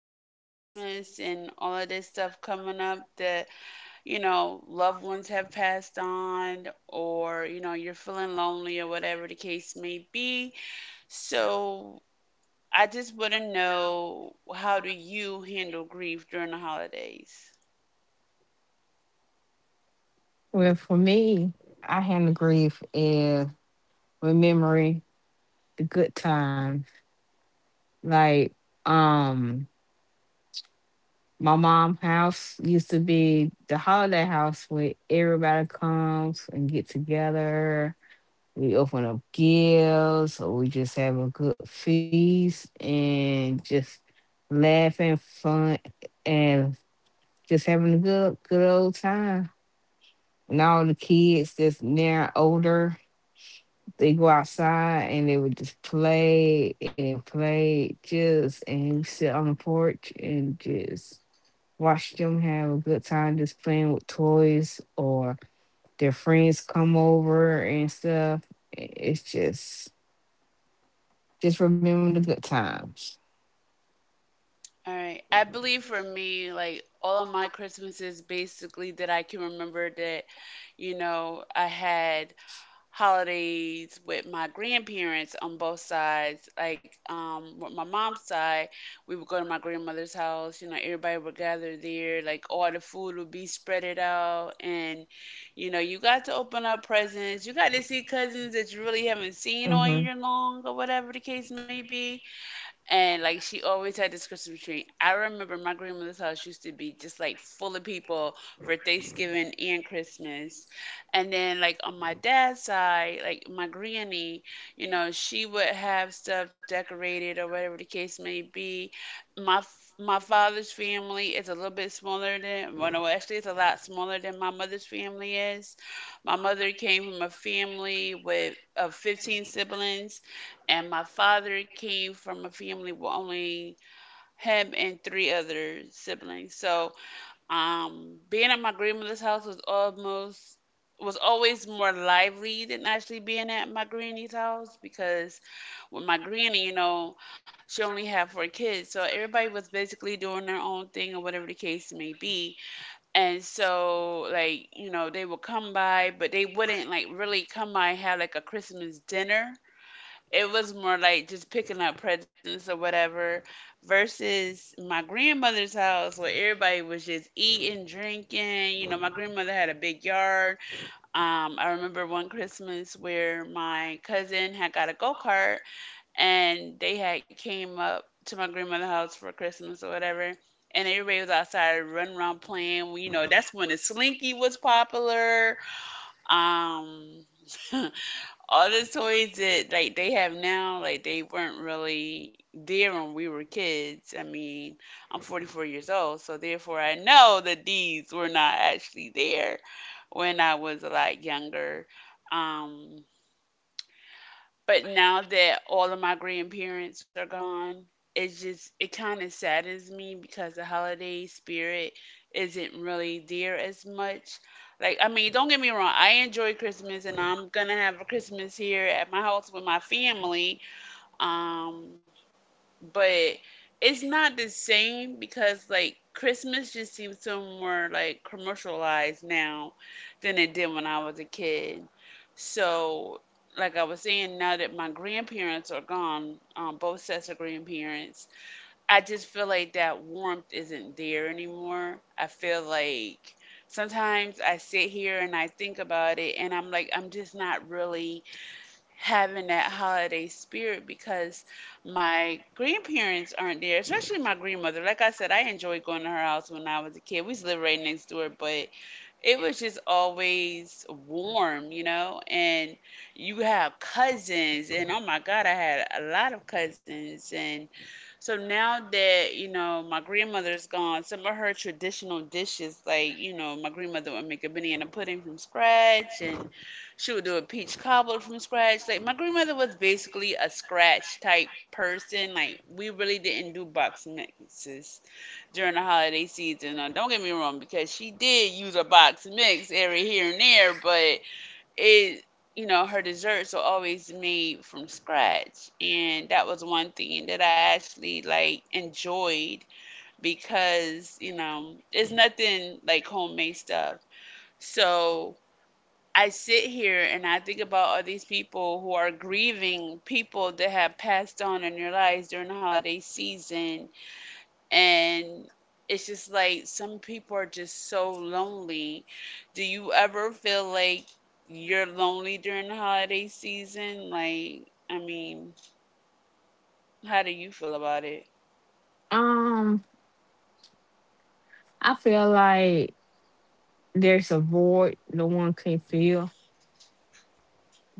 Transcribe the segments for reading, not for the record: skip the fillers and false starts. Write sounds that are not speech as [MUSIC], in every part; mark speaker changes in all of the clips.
Speaker 1: and Christmas and all of this stuff coming up, that, you know, loved ones have passed on, or, you know, you're feeling lonely, or whatever the case may be. So I just want to know, how do you handle grief during the holidays?
Speaker 2: Well, for me, I handle grief is remembering the good times. Like, um, my mom' house used to be the holiday house where everybody comes and get together. We open up gifts, or we just have a good feast and just laughing, fun, and just having a good, good old time. And all the kids that's now older, they go outside and they would just play and play just and we sit on the porch and just watch them have a good time just playing with toys or their friends come over and stuff. It's just remember the good times.
Speaker 1: All right. I believe for me, like all of my Christmases basically that I can remember that, you know, I had holidays with my grandparents on both sides. Like, with my mom's side, we would go to my grandmother's house, you know, everybody would gather there, like all the food would be spreaded out, and you know, you got to open up presents, you got to see cousins that you really haven't seen all year
Speaker 2: hmm
Speaker 1: long or whatever the case may be, and like she always had this Christmas tree. I remember my grandmother's house used to be just like full of people for Thanksgiving and Christmas. And then like on my dad's side, like my granny, you know, she would have stuff decorated or whatever the case may be. My father's family is a little bit smaller than, well no, actually it's a lot smaller than my mother's family is. My mother came from a family with of 15 siblings, and my father came from a family with only him and three other siblings. So, being at my grandmother's house was always more lively than actually being at my granny's house because with my granny, you know, she only had four kids, so everybody was basically doing their own thing or whatever the case may be. And so, like, you know, they would come by, but they wouldn't like really come by and have like a Christmas dinner. It was more like just picking up presents or whatever, versus my grandmother's house where everybody was just eating, drinking. You know, my grandmother had a big yard. I remember one Christmas where my cousin had got a go-kart, and they had came up to my grandmother's house for Christmas or whatever, and everybody was outside running around playing. You know, that's when the slinky was popular. um [LAUGHS] all the toys that like they have now, like they weren't really there when we were kids. I mean, I'm 44 years old, so therefore I know that these were not actually there when I was a lot younger. Um, but now that all of my grandparents are gone, it kind of saddens me because the holiday spirit isn't really there as much. Like, I mean, don't get me wrong, I enjoy Christmas, and I'm gonna have a Christmas here at my house with my family. Um, but it's not the same because like Christmas just seems so more like commercialized now than it did when I was a kid. So, like I was saying, now that my grandparents are gone, both sets of grandparents, I just feel like that warmth isn't there anymore. I feel like sometimes I sit here and I think about it, and I'm like, I'm just not really having that holiday spirit because my grandparents aren't there, especially my grandmother. Like I said, I enjoyed going to her house when I was a kid. We used to live right next door, but it was just always warm, you know? And you have cousins, and oh my God, I had a lot of cousins, and so now that, you know, my grandmother's gone, some of her traditional dishes, like, you know, my grandmother would make a banana pudding from scratch, and she would do a peach cobbler from scratch. Like, my grandmother was basically a scratch type person. Like, we really didn't do box mixes during the holiday season. Now, don't get me wrong, because she did use a box mix every here and there, but it, you know, her desserts are always made from scratch, and that was one thing that I actually like enjoyed because you know it's nothing like homemade stuff. So I sit here and I think about all these people who are grieving people that have passed on in their lives during the holiday season, and it's just like some people are just so lonely. Do you ever feel like you're lonely during the holiday season? Like, I mean, how do you feel about it?
Speaker 2: Um, I feel like there's a void no one can feel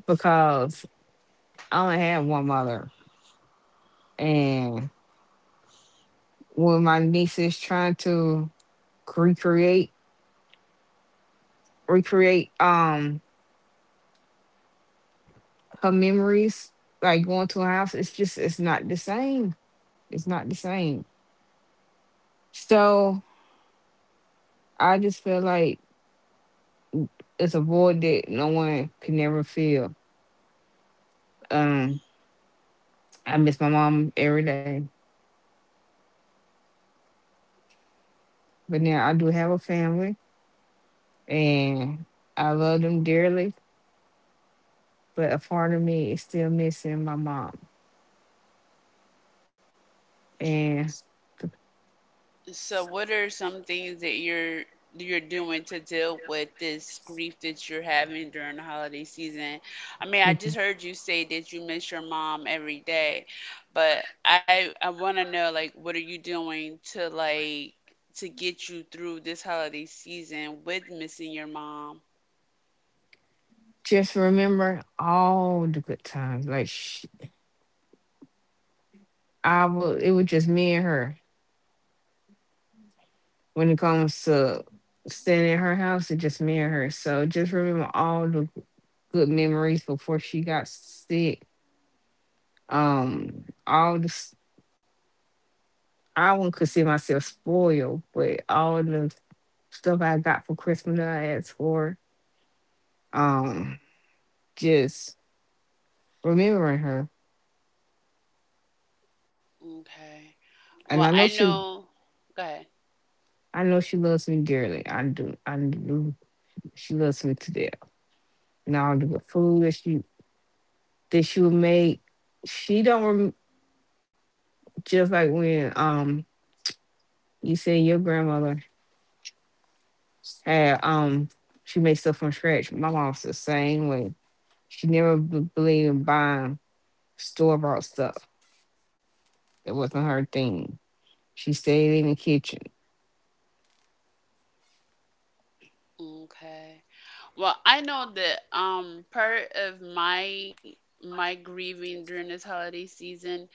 Speaker 2: because I only had one mother. And. When my niece is trying to recreate recreate her memories, like going to a house, it's just it's not the same, it's not the same. So I just feel like it's a void that no one can never fill. um I miss my mom every day, but now I do have a family and I love them dearly, but a part of me is still missing my mom. And
Speaker 1: So, what are some things that you're doing to deal with this grief that you're having during the holiday season? I mean, I just
Speaker 2: Mhm.
Speaker 1: heard you say that you miss your mom every day, but I want to know, like, what are you doing to like to get you through this holiday season with missing your mom?
Speaker 2: Just remember all the good times. Like sh I would, it was just me and her. When it comes to staying at her house, it's just me and her. So just remember all the good memories before she got sick. Um, all the s- I wouldn't consider myself spoiled, but all the stuff I got for Christmas that I asked for. Um, just remembering her,
Speaker 1: Okay. Well,
Speaker 2: and
Speaker 1: I know. Go ahead.
Speaker 2: I know she loves me dearly. I do, I do. She loves me to death. Now the food that she would make, she don't rem- just like when you say your grandmother had she makes stuff from scratch. My mom's the same way. She never b- believed in buying store bought stuff. It wasn't her thing. She stayed in the kitchen.
Speaker 1: Okay. Well, I know that part of my grieving during this holiday season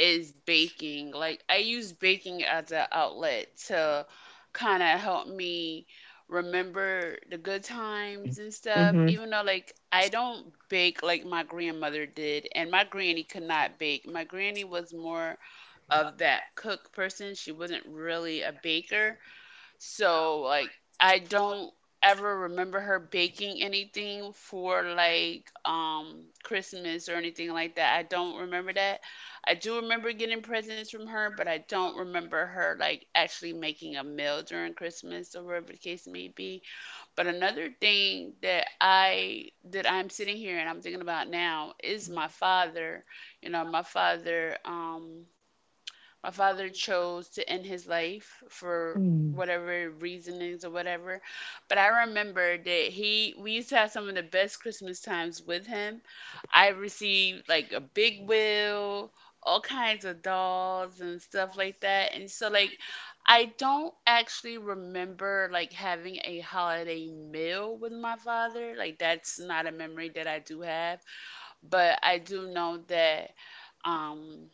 Speaker 1: is baking. Like, I use baking as an outlet to kind of help me remember the good times and stuff.
Speaker 2: hmm.
Speaker 1: Even though like I don't bake like my grandmother did, and my granny could not bake. My granny was more of that cook person. She wasn't really a baker. So like I don't ever remember her baking anything for like Christmas or anything like that. I don't remember that. I do remember getting presents from her, but I don't remember her like actually making a meal during Christmas or whatever the case may be. But another thing that I'm sitting here and I'm thinking about now is my father. You know, my father chose to end his life for
Speaker 2: Mm.
Speaker 1: whatever reasonings or whatever. But I remember that he we used to have some of the best Christmas times with him. I received like a big wheel, all kinds of dolls and stuff like that. And so like I don't actually remember like having a holiday meal with my father. Like that's not a memory that I do have, but I do know that um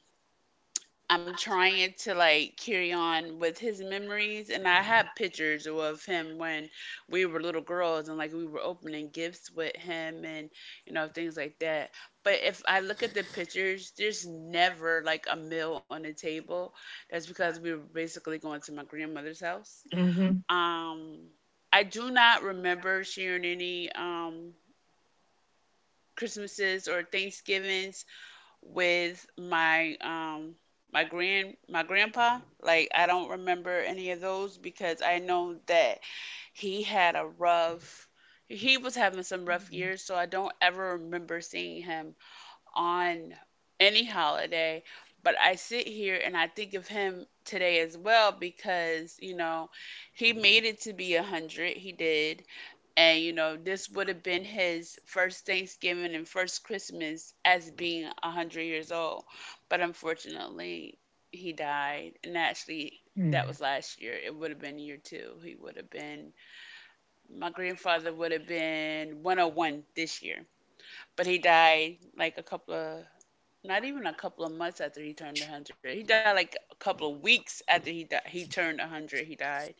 Speaker 1: I'm trying to like carry on with his memories, and I have pictures of him when we were little girls, and like we were opening gifts with him and you know things like that. But if I look at the pictures, there's never like a meal on the table. That's because we were basically going to my grandmother's house.
Speaker 2: Mm-hmm.
Speaker 1: Um, I do not remember sharing any Christmases or Thanksgivings with my my grand my grandpa. Like, I don't remember any of those because I know that he had a rough he was having some rough years, so I don't ever remember seeing him on any holiday. But I sit here and I think of him today as well because you know he made it to be 100, he did. And, you know, this would have been his first Thanksgiving and first Christmas as being 100 years old. But unfortunately, he died. And actually, that
Speaker 2: Mm-hmm.
Speaker 1: was last year. It would have been year two. He would have been, my grandfather would have been 101 this year. But he died like not even a couple of months after he turned 100. He died like a couple of weeks after he turned 100. He died.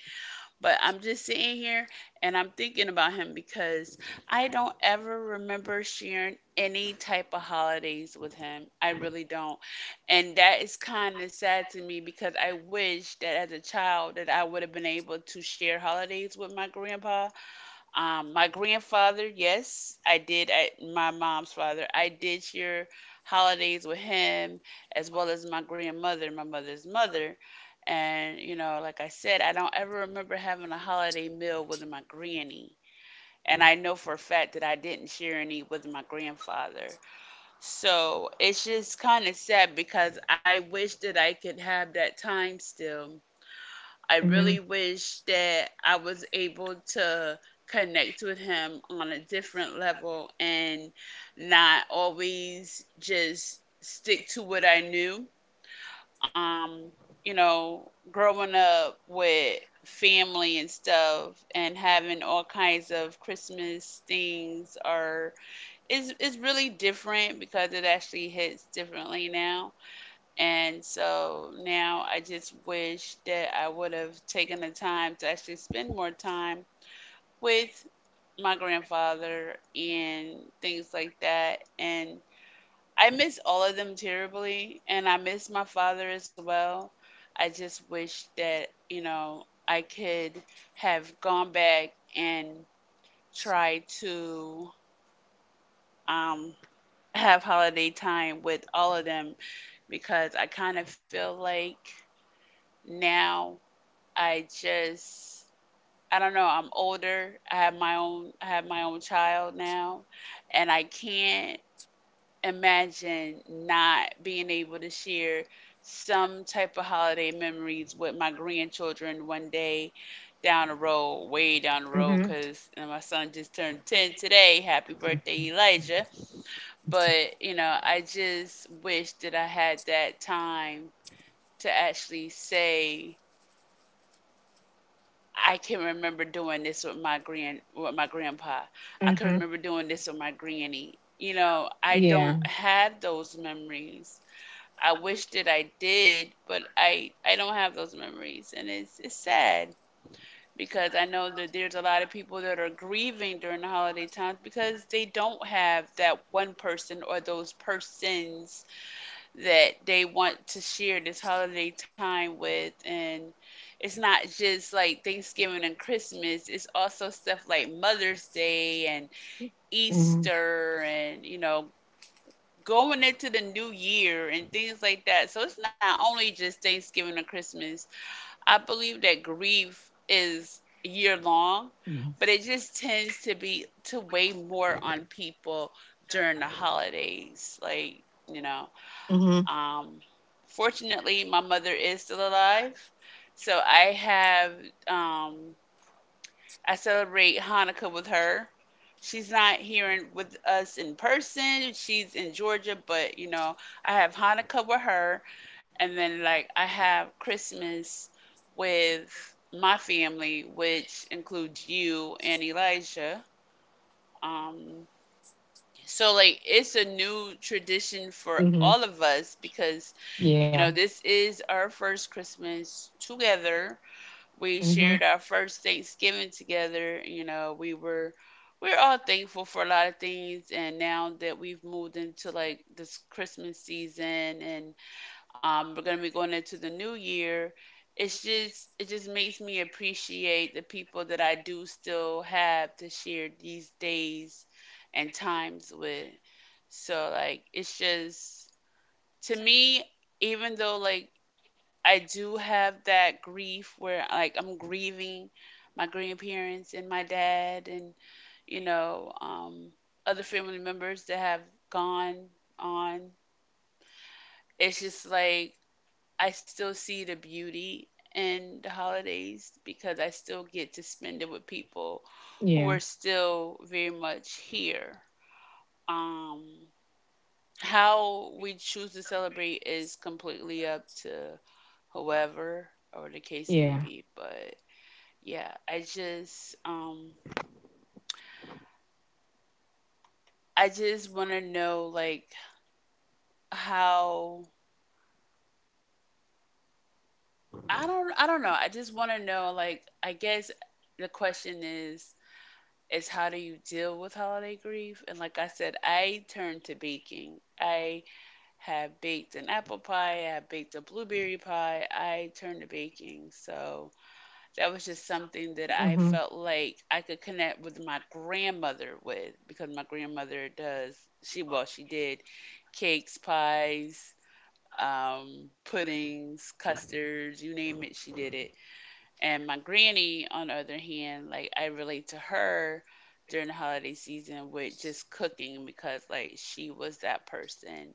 Speaker 1: But I'm just sitting here and I'm thinking about him because I don't ever remember sharing any type of holidays with him. I really don't. And that is kind of sad to me because I wish that as a child that I would have been able to share holidays with my grandpa. My grandfather, yes, I did. At my mom's father, I did share holidays with him, as well as my grandmother, my mother's mother. And you know, like I said, I don't ever remember having a holiday meal with my granny. And I know for a fact that I didn't share any with my grandfather. So it's just kind of sad because I wish that I could have that time still. I really wish that I was able to connect with him on a different level and not always just stick to what I knew. Um, you know, growing up with family and stuff and having all kinds of Christmas things are is really different because it actually hits differently now. And so now I just wish that I would have taken the time to actually spend more time with my grandfather and things like that. And I miss all of them terribly, and I miss my father as well. I just wish that, you know, I could have gone back and tried to um, have holiday time with all of them because I kind of feel like now I just I don't know, I'm older. I have my own I have my own child now, and I can't imagine not being able to share some type of holiday memories with my grandchildren one day down the road, way down the road,
Speaker 2: Mm-hmm.
Speaker 1: cuz my son just turned 10 today. Happy birthday, Elijah. But, you know, I just wish that I had that time to actually say I can remember doing this with my grandpa. I can
Speaker 2: Mm-hmm.
Speaker 1: remember doing this with my granny. You know, I don't
Speaker 2: Yeah.
Speaker 1: have those memories. I wish that I did, but I don't have those memories, and it's sad because I know that there's a lot of people that are grieving during the holiday times because they don't have that one person or those persons that they want to share this holiday time with. And it's not just like Thanksgiving and Christmas, it's also stuff like Mother's Day and
Speaker 2: Mm-hmm.
Speaker 1: Easter and, you know, going into the new year and things like that. So it's not only just Thanksgiving and Christmas. I believe that grief is year long, but it just tends to weigh more on people during the holidays, like, you know.
Speaker 2: Mm-hmm.
Speaker 1: Um, Fortunately, my mother is still alive, so I have, um, I celebrate Hanukkah with her. She's not here in, with us in person. She's in Georgia, but, you know, I have Hanukkah with her, and then like I have Christmas with my family, which includes you and Elijah. Um, so like it's a new tradition for
Speaker 2: Hmm.
Speaker 1: all of us because, you know,
Speaker 2: Yeah.
Speaker 1: this is our first Christmas together. We
Speaker 2: Mm-hmm.
Speaker 1: shared our first Thanksgiving together. You know, we're all thankful for a lot of things, and now that we've moved into like this Christmas season and, we're going to be going into the new year. It just makes me appreciate the people that I do still have to share these days and times with. So like it's just, to me, even though like I do have that grief where like I'm grieving my grandparents and my dad and, you know, other family members that have gone on. It's just like I still see the beauty in the holidays because I still get to spend it with people who are
Speaker 2: Yeah.
Speaker 1: still very much here. Um, how we choose to celebrate is completely up to whoever, or the case may
Speaker 2: Yeah.
Speaker 1: be, but yeah, I just, I just want to know, like, how. I don't know. I just want to know, like, I guess the question is how do you deal with holiday grief? And like I said, I turned to baking. I have baked an apple pie, I have baked a blueberry pie, I turned to baking. So that was just something that I
Speaker 2: Mm-hmm.
Speaker 1: felt like I could connect with my grandmother with because my grandmother does, she, well, she did cakes, pies, puddings, custards, you name it, she did it. And my granny, on the other hand, like I relate to her during the holiday season with just cooking because like she was that person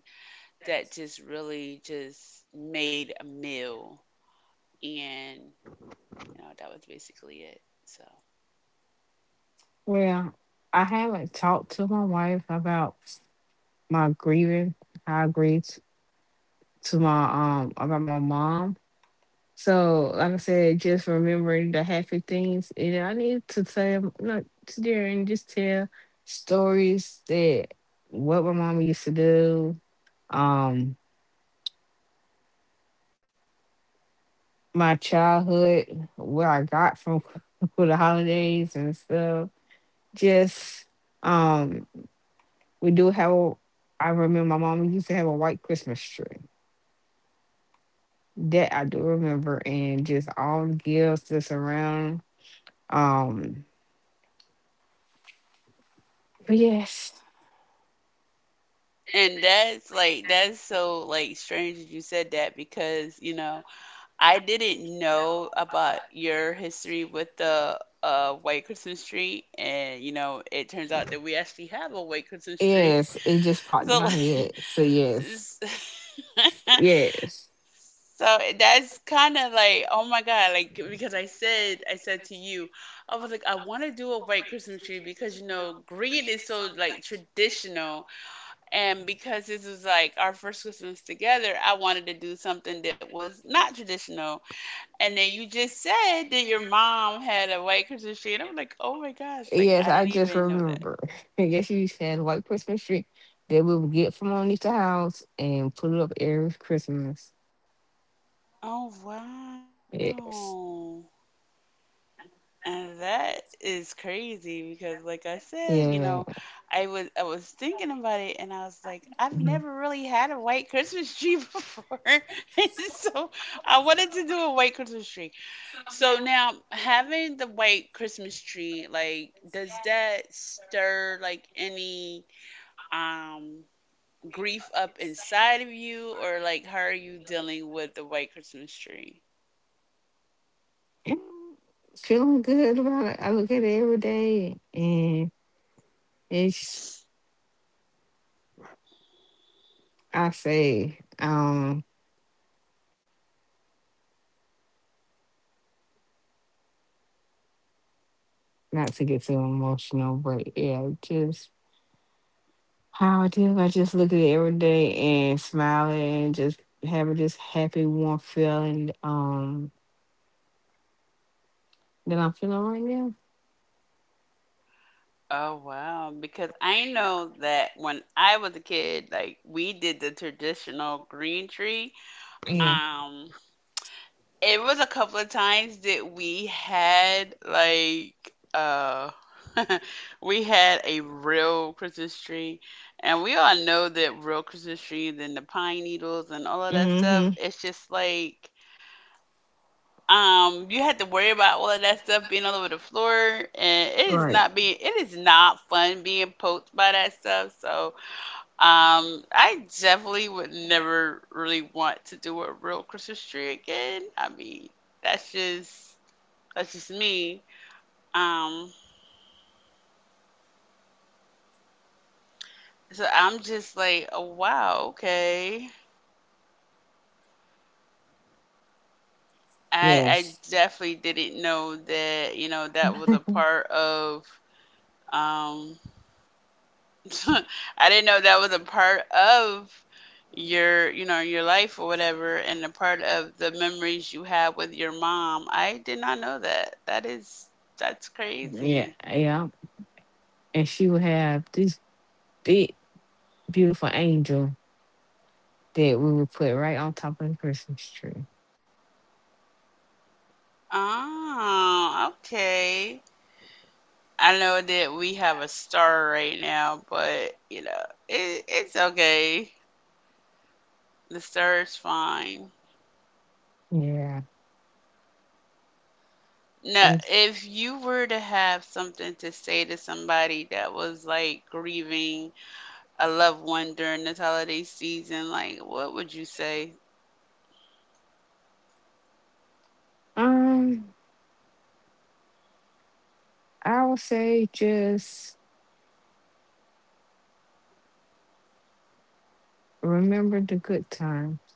Speaker 1: that just really just made a meal, and, you know, that was basically it. So,
Speaker 2: Well, I haven't talked to my wife about my grieving. I grieved to my about my mom. So like I said, just remembering the happy things, and I need to tell not to there and just tell stories that what my mom used to do, um, my childhood, where I got from [LAUGHS] for the holidays and stuff. Just um, we do have. I remember my mom used to have a white Christmas tree. That I do remember, and just all the gifts that's around. Um, but yes,
Speaker 1: and that's like, that's so like strange that you said that because, you know, I didn't know about your history with the white Christmas tree, and you know it turns out that we actually have a white Christmas tree.
Speaker 2: yes, it just popped
Speaker 1: So,
Speaker 2: in my head. So
Speaker 1: like,
Speaker 2: yes,
Speaker 1: [LAUGHS]
Speaker 2: yes,
Speaker 1: so that's kind of like, oh my God, like because I said to you, I was like, I want to do a white Christmas tree because, you know, green is so like traditional, and because this was like our first Christmas together, I wanted to do something that was not traditional. And then you just said that your mom had a white Christmas tree, and I'm like, oh my gosh, like
Speaker 2: yes,
Speaker 1: I
Speaker 2: I
Speaker 1: didn't
Speaker 2: just
Speaker 1: even know that.
Speaker 2: remember. [LAUGHS] I guess you had a white Christmas tree that we would get from underneath the house and put it up every Christmas.
Speaker 1: Oh
Speaker 2: Yes.
Speaker 1: wow. And that is crazy because like I said, you
Speaker 2: Yeah.
Speaker 1: know, I was thinking about it, and I was like, I've
Speaker 2: Mhm.
Speaker 1: never really had a white Christmas tree [LAUGHS] before. [LAUGHS] And so I wanted to do a white Christmas tree. So now having the white Christmas tree, like, does that stir like any um grief up inside of you, or like how are you dealing with the white Christmas tree?
Speaker 2: Mm, feeling good about it. I look at it every day and it's I say, not to get too emotional, but yeah, just how I do, I just look at it every day and smile and just having this happy warm feeling that I'm feeling right now.
Speaker 1: Oh wow, because I know that when I was a kid, like we did the traditional green tree.
Speaker 2: Yeah.
Speaker 1: Um, it was a couple of times that we had like [LAUGHS] we had a real Christmas tree, and we all know that real Christmas trees and the pine needles and all of that stuff,
Speaker 2: Mm-hmm.
Speaker 1: it's just like, you had to worry about all of that stuff being all over the floor, and it is
Speaker 2: Right.
Speaker 1: not being it is not fun being poked by that stuff. So, I definitely would never really want to do a real Christmas tree again. I mean, that's just that's just me. Um, so I'm just like, oh, wow, okay. I
Speaker 2: Yes.
Speaker 1: definitely didn't know that, you know, that was a part of, um [LAUGHS] I didn't know that was a part of your, you know, your life or whatever, and a part of the memories you have with your mom. I did not know that. That is, that's
Speaker 2: Yeah.
Speaker 1: crazy.
Speaker 2: Yeah. And she would have this big, beautiful angel that we would put right on top of the Christmas tree.
Speaker 1: Oh, okay. I know that we have a star right now, but, you know, it, it's okay. The star is fine.
Speaker 2: Yeah.
Speaker 1: Now,
Speaker 2: And
Speaker 1: if you were to have something to say to somebody that was like grieving a loved one during this holiday season, like what would you say?
Speaker 2: Um, I would say just remember the good times,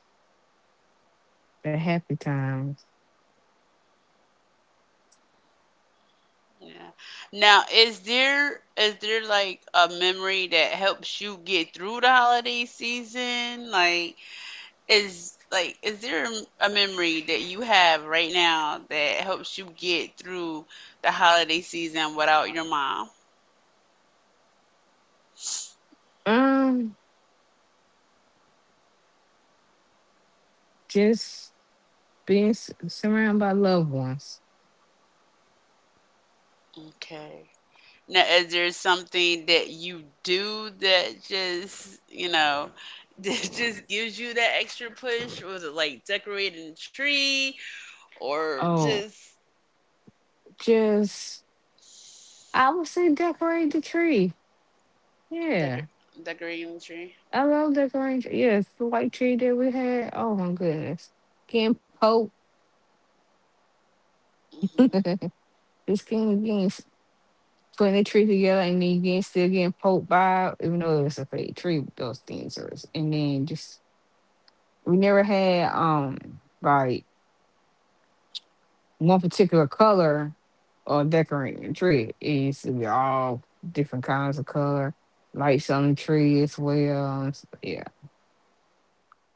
Speaker 2: the happy times.
Speaker 1: Yeah. Now, is there like a memory that helps you get through the holiday season? Like is there a memory that you have right now that helps you get through the holiday season without your mom?
Speaker 2: Um, just being surrounded by loved ones.
Speaker 1: Okay. Now, is there something that you do that just, you know, [LAUGHS] that just gives you that extra push? Was it like decorating a tree, or
Speaker 2: Oh,
Speaker 1: just
Speaker 2: just I would say decorate the tree.
Speaker 1: decor
Speaker 2: Yeah,
Speaker 1: decorating a tree?
Speaker 2: I love decorating. Yes, the white tree that we had. Oh my goodness, getting poked.
Speaker 1: Hmm.
Speaker 2: [LAUGHS] just getting getting putting the tree together and then getting still getting poked by, even though it was a fake tree, those things are, and then just we never had like one particular color or decorating the tree. It used to be all different kinds of color, lights on the tree as well. Yeah.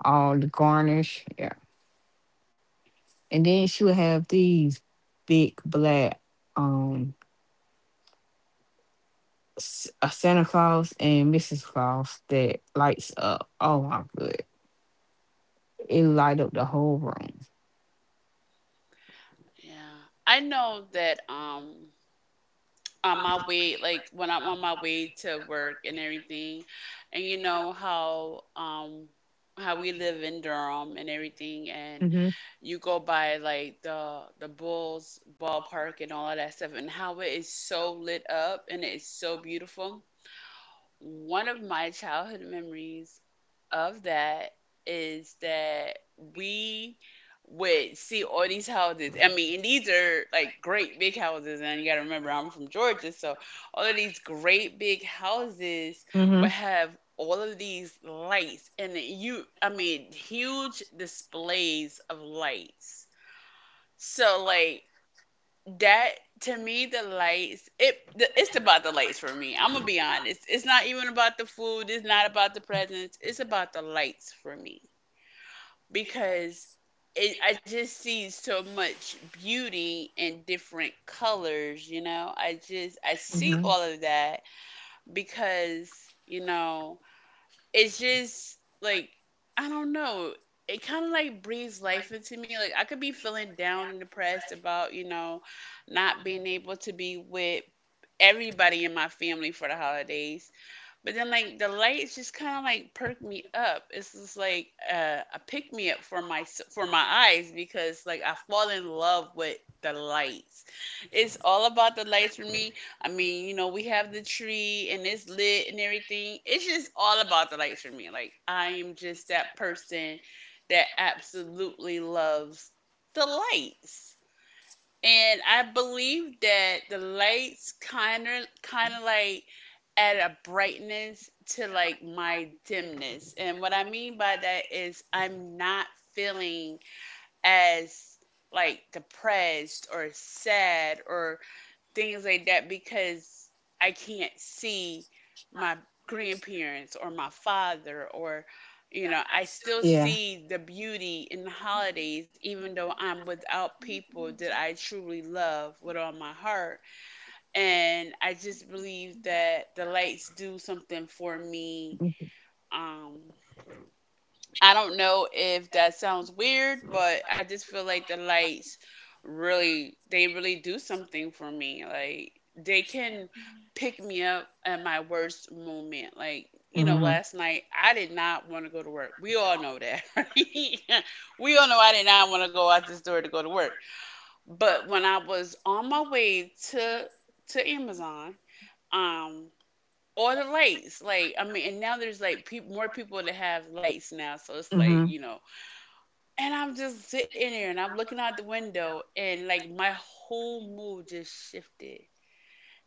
Speaker 2: All the garnish. Yeah. And then she would have these big black um a Santa Claus and Mrs. Claus that lights up. Oh my goodness, it light up the whole room.
Speaker 1: Yeah. I know that, on my way, like when I'm on my way to work and everything, and you know how, how we live in Durham and everything, and
Speaker 2: Mhm.
Speaker 1: you go by like the Bulls ballpark and all of that stuff, and how it is so lit up and it is so beautiful. One of my childhood memories of that is that we would see all these houses. I mean, and these are like great big houses, and you got to remember I'm from Georgia, so all of these great big houses would
Speaker 2: Mhm.
Speaker 1: have all of these lights, and you, I mean, huge displays of lights, so like that, to me, the lights it the, it's about the lights for me. I'm gonna be honest. It's not even about the food. It's not about the presents. It's about the lights for me because I just see so much beauty in different colors. You know, I see
Speaker 2: Mhm.
Speaker 1: all of that because, you know, it's just like, I don't know. It kind of like breathes life into me. Like I could be feeling down and depressed about, you know, not being able to be with everybody in my family for the holidays, but then like the lights just kind of like perk me up. It's just like a pick me up for my eyes because like I fall in love with the lights. It's all about the lights for me. I mean, you know, we have the tree and it's lit and everything. It's just all about the lights for me. Like I am just that person that absolutely loves the lights. And I believe that the lights kind of like add a brightness to like my dimness. And what I mean by that is I'm not feeling as like depressed or sad or things like that because I can't see my grandparents or my father or, you know, I still
Speaker 2: Yeah.
Speaker 1: see the beauty in the holidays even though I'm without people that I truly love with all my heart, and I just believe that the lights do something for me, um I don't know if that sounds weird, but I just feel like the lights really they really do something for me. Like they can pick me up at my worst moment. Like, you know, last night I did not want to go to work. We all know that, [LAUGHS] right? We all know I did not want to go out this door to go to work. But when I was on my way to Amazon, um all the lights, like, I mean, and now there's like peop more people that have lights now, so it's
Speaker 2: Mhm.
Speaker 1: like, you
Speaker 2: Mhm.
Speaker 1: know, and I'm just sitting there and I'm looking out the window, and like my whole mood just shifted.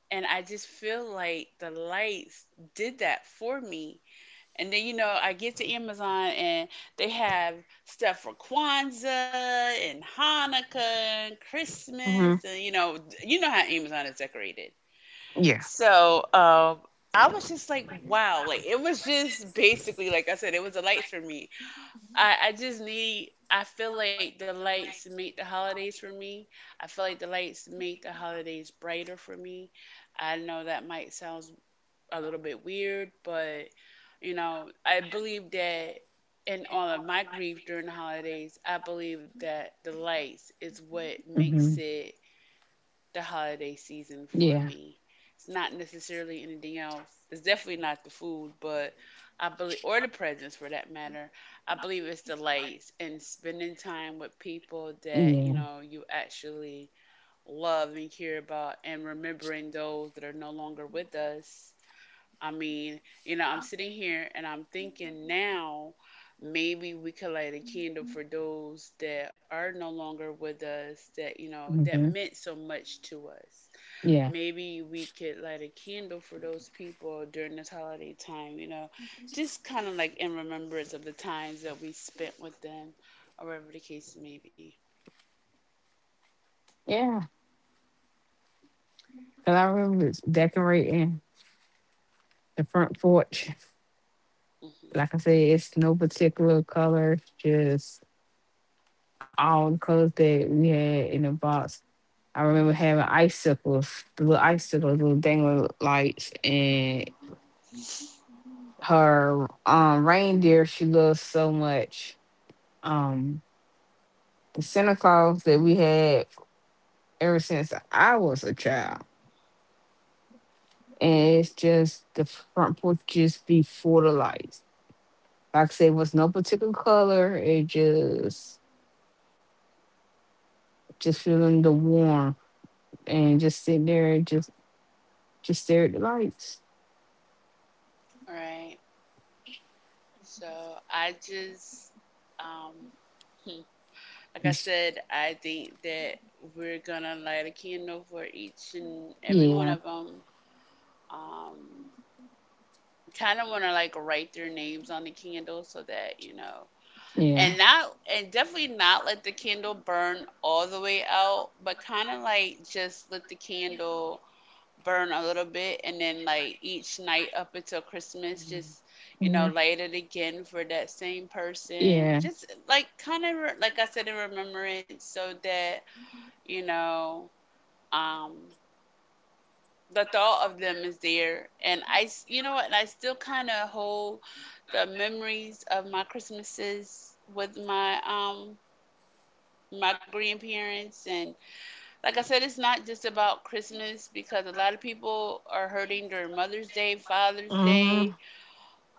Speaker 1: And I just feel like the lights did that for me. And then, I get to Amazon and they have stuff for Kwanzaa and Hanukkah and Christmas, and you know how Amazon is decorated.
Speaker 2: Yeah.
Speaker 1: So, I was just like, wow, like it was just basically like I said, it was the lights for me. I just need, I feel like the lights make the holidays for me. I feel like the lights make the holidays brighter for me. I know that might sound a little bit weird, but I believe that in all of my grief during the holidays, I believe that the lights is what makes
Speaker 2: Mhm.
Speaker 1: it the holiday season for
Speaker 2: Yeah.
Speaker 1: me. It's not necessarily anything else. It's definitely not the food, but I believe, or the presents for that matter. I believe it's the lights and spending time with people that you
Speaker 2: Yeah.
Speaker 1: know you actually love and care about, and remembering those that are no longer with us. I mean, I'm sitting here and I'm thinking now maybe we could light a candle for those that are no longer with us, that that
Speaker 2: Mhm.
Speaker 1: meant so much to us.
Speaker 2: Yeah,
Speaker 1: Maybe we could light a candle for those people during this holiday time, just kind of like in remembrance of the times that we spent with them, or whatever the case may be.
Speaker 2: yeah. Cause I remember decorating the front porch.
Speaker 1: Hmm.
Speaker 2: Like I said, it's no particular color, it's just all the colors that we had in the box. I remember having icicles, the little icicles, little dangling lights, and her reindeer she loves so much. Um, the Santa Claus that we had ever since I was a child, and
Speaker 1: Hmm.
Speaker 2: it's just the front porch just be full of lights. Like I said, it was no particular color. It just feeling the warmth and just sitting there and just stare at the lights.
Speaker 1: All right. So I just, um, hmm, like I
Speaker 2: It's-
Speaker 1: said, I think that we're gonna light a candle for each and every one of
Speaker 2: Yeah,
Speaker 1: them. Um, Kind of want to like write their names on the candle so that, and
Speaker 2: yeah,
Speaker 1: not, and definitely not let the candle burn all the way out, but kind of like just let the candle burn a little bit, and then like each night up until Christmas, just
Speaker 2: yeah,
Speaker 1: light it again for that same person,
Speaker 2: yeah.
Speaker 1: just like, kind of like I said, in remembrance, so that you know um the thought of them is there. And you know what and I still kind of hold the memories of my Christmases with my grandparents. And like I said, it's not just about Christmas, because a lot of people are hurting during Mother's Day, Father's Day.
Speaker 2: Mm-hmm.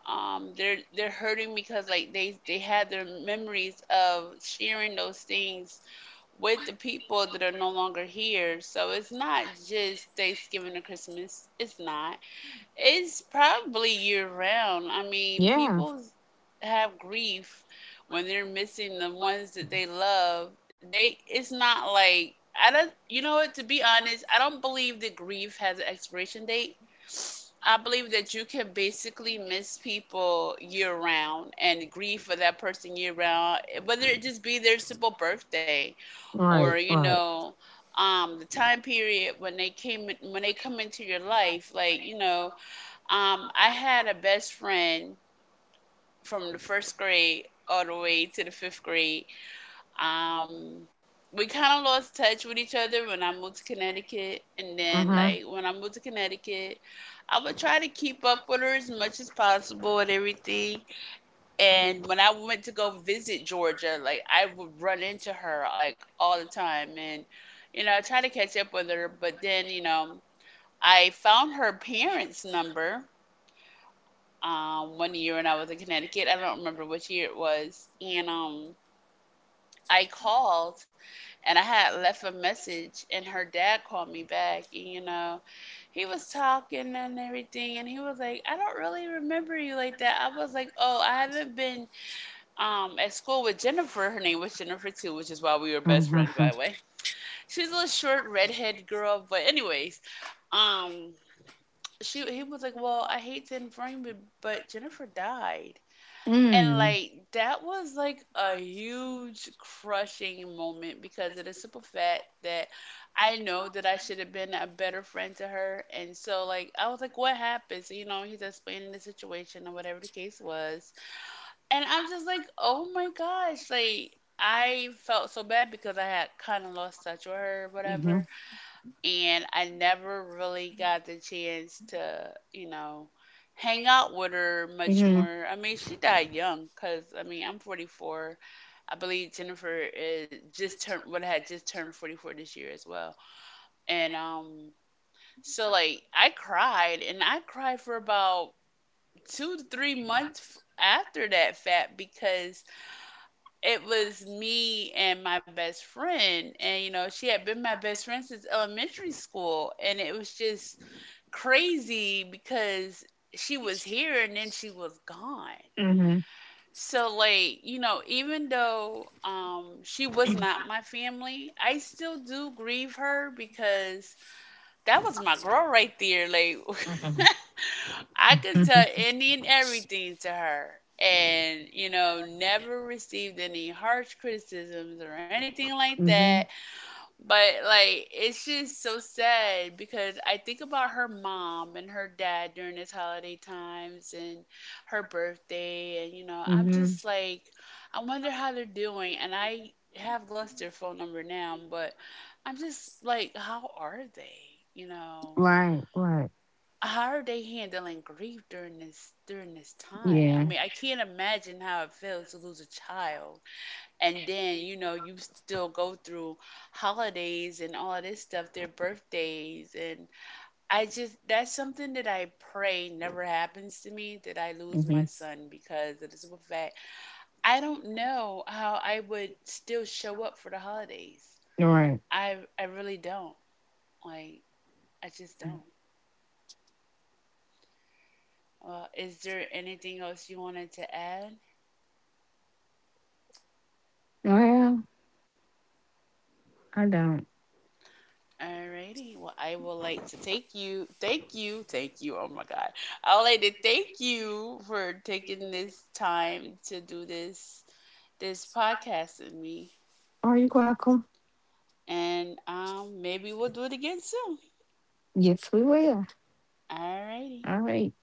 Speaker 1: They're hurting because like they had their memories of sharing those things with the people that are no longer here. So it's not just Thanksgiving or Christmas, it's not, it's probably year round. I mean,
Speaker 2: Yeah.
Speaker 1: people have grief when they're missing the ones that they love. They, it's not like I don't, you know what to be honest, I don't believe that grief has an expiration date. I believe that you can basically miss people year round and grieve for that person year round, whether it just be their simple birthday,
Speaker 2: Right.
Speaker 1: or
Speaker 2: Right.
Speaker 1: the time period when they came when they come into your life. I had a best friend from the first grade all the way to the fifth grade. Um, we kind of lost touch with each other when I moved to Connecticut. And then,
Speaker 2: Mm-hmm.
Speaker 1: like, when I moved to Connecticut, I would try to keep up with her as much as possible and everything. And when I went to go visit Georgia, like, I would run into her, like, all the time. And, you know, I tried to catch up with her, but then, I found her parents' number one year when I was in Connecticut. I don't remember which year it was. And I called and I had left a message, and her dad called me back. And, you know, he was talking and everything. And he was like, I don't really remember you like that. I was like, oh, I haven't been at school with Jennifer. Her name was Jennifer, too, which is why we were best
Speaker 2: Mhm.
Speaker 1: friends, by the way. She's a little short, redhead girl. But, anyways, um, she he was like, "Well, I hate to inform you, but Jennifer died." And
Speaker 2: Mm.
Speaker 1: like that was like a huge crushing moment because of the simple fact that I know that I should have been a better friend to her. And so like I was like, what happens? You know, he's explaining the situation or whatever the case was. And I'm just like, oh my gosh, like I felt so bad because I had kind of lost touch with her, or
Speaker 2: Mhm.
Speaker 1: whatever, and I never really got the chance to, you know, hang out with her much
Speaker 2: Mhm.
Speaker 1: more. I mean, she died young, because I mean, I'm 44. I believe Jennifer is just turned, would had just turned 44 this year as well. And so like I cried, and I cried for about 2 to 3 months after that fact, because it was me and my best friend, and you know she had been my best friend since elementary school, and it was just crazy because she was here and then she was gone.
Speaker 2: Mhm.
Speaker 1: So like, you know, even though she was not my family, I still do grieve her, because that was my girl right there. Like
Speaker 2: Mhm.
Speaker 1: [LAUGHS] I could tell any and everything to her, and you know, never received any harsh criticisms or anything like
Speaker 2: Mhm.
Speaker 1: that. But like it's just so sad because I think about her mom and her dad during this holiday times and her birthday, and you know, I'm
Speaker 2: Mhm.
Speaker 1: just like, I wonder how they're doing, and I have lost their phone number now, but I'm just like, how are they? You know,
Speaker 2: Right, right.
Speaker 1: how are they handling grief during this time?
Speaker 2: Yeah.
Speaker 1: I mean, I can't imagine how it feels to lose a child, and then you know you still go through holidays and all this stuff, their birthdays. And I just that's something that I pray never happens to me, that I lose my
Speaker 2: Mhm.
Speaker 1: son, because of the simple fact I don't know how I would still show up for the holidays.
Speaker 2: Right.
Speaker 1: I really don't, like, I just don't. Well, is there anything else you wanted to add?
Speaker 2: Well, I don't.
Speaker 1: Alrighty. Well, I will like to thank you, thank you, thank you. Oh my God. I would like to thank you for taking this time to do this podcast with me.
Speaker 2: Are you welcome?
Speaker 1: And maybe we'll do it again soon.
Speaker 2: Yes, we will.
Speaker 1: Alrighty.
Speaker 2: All right.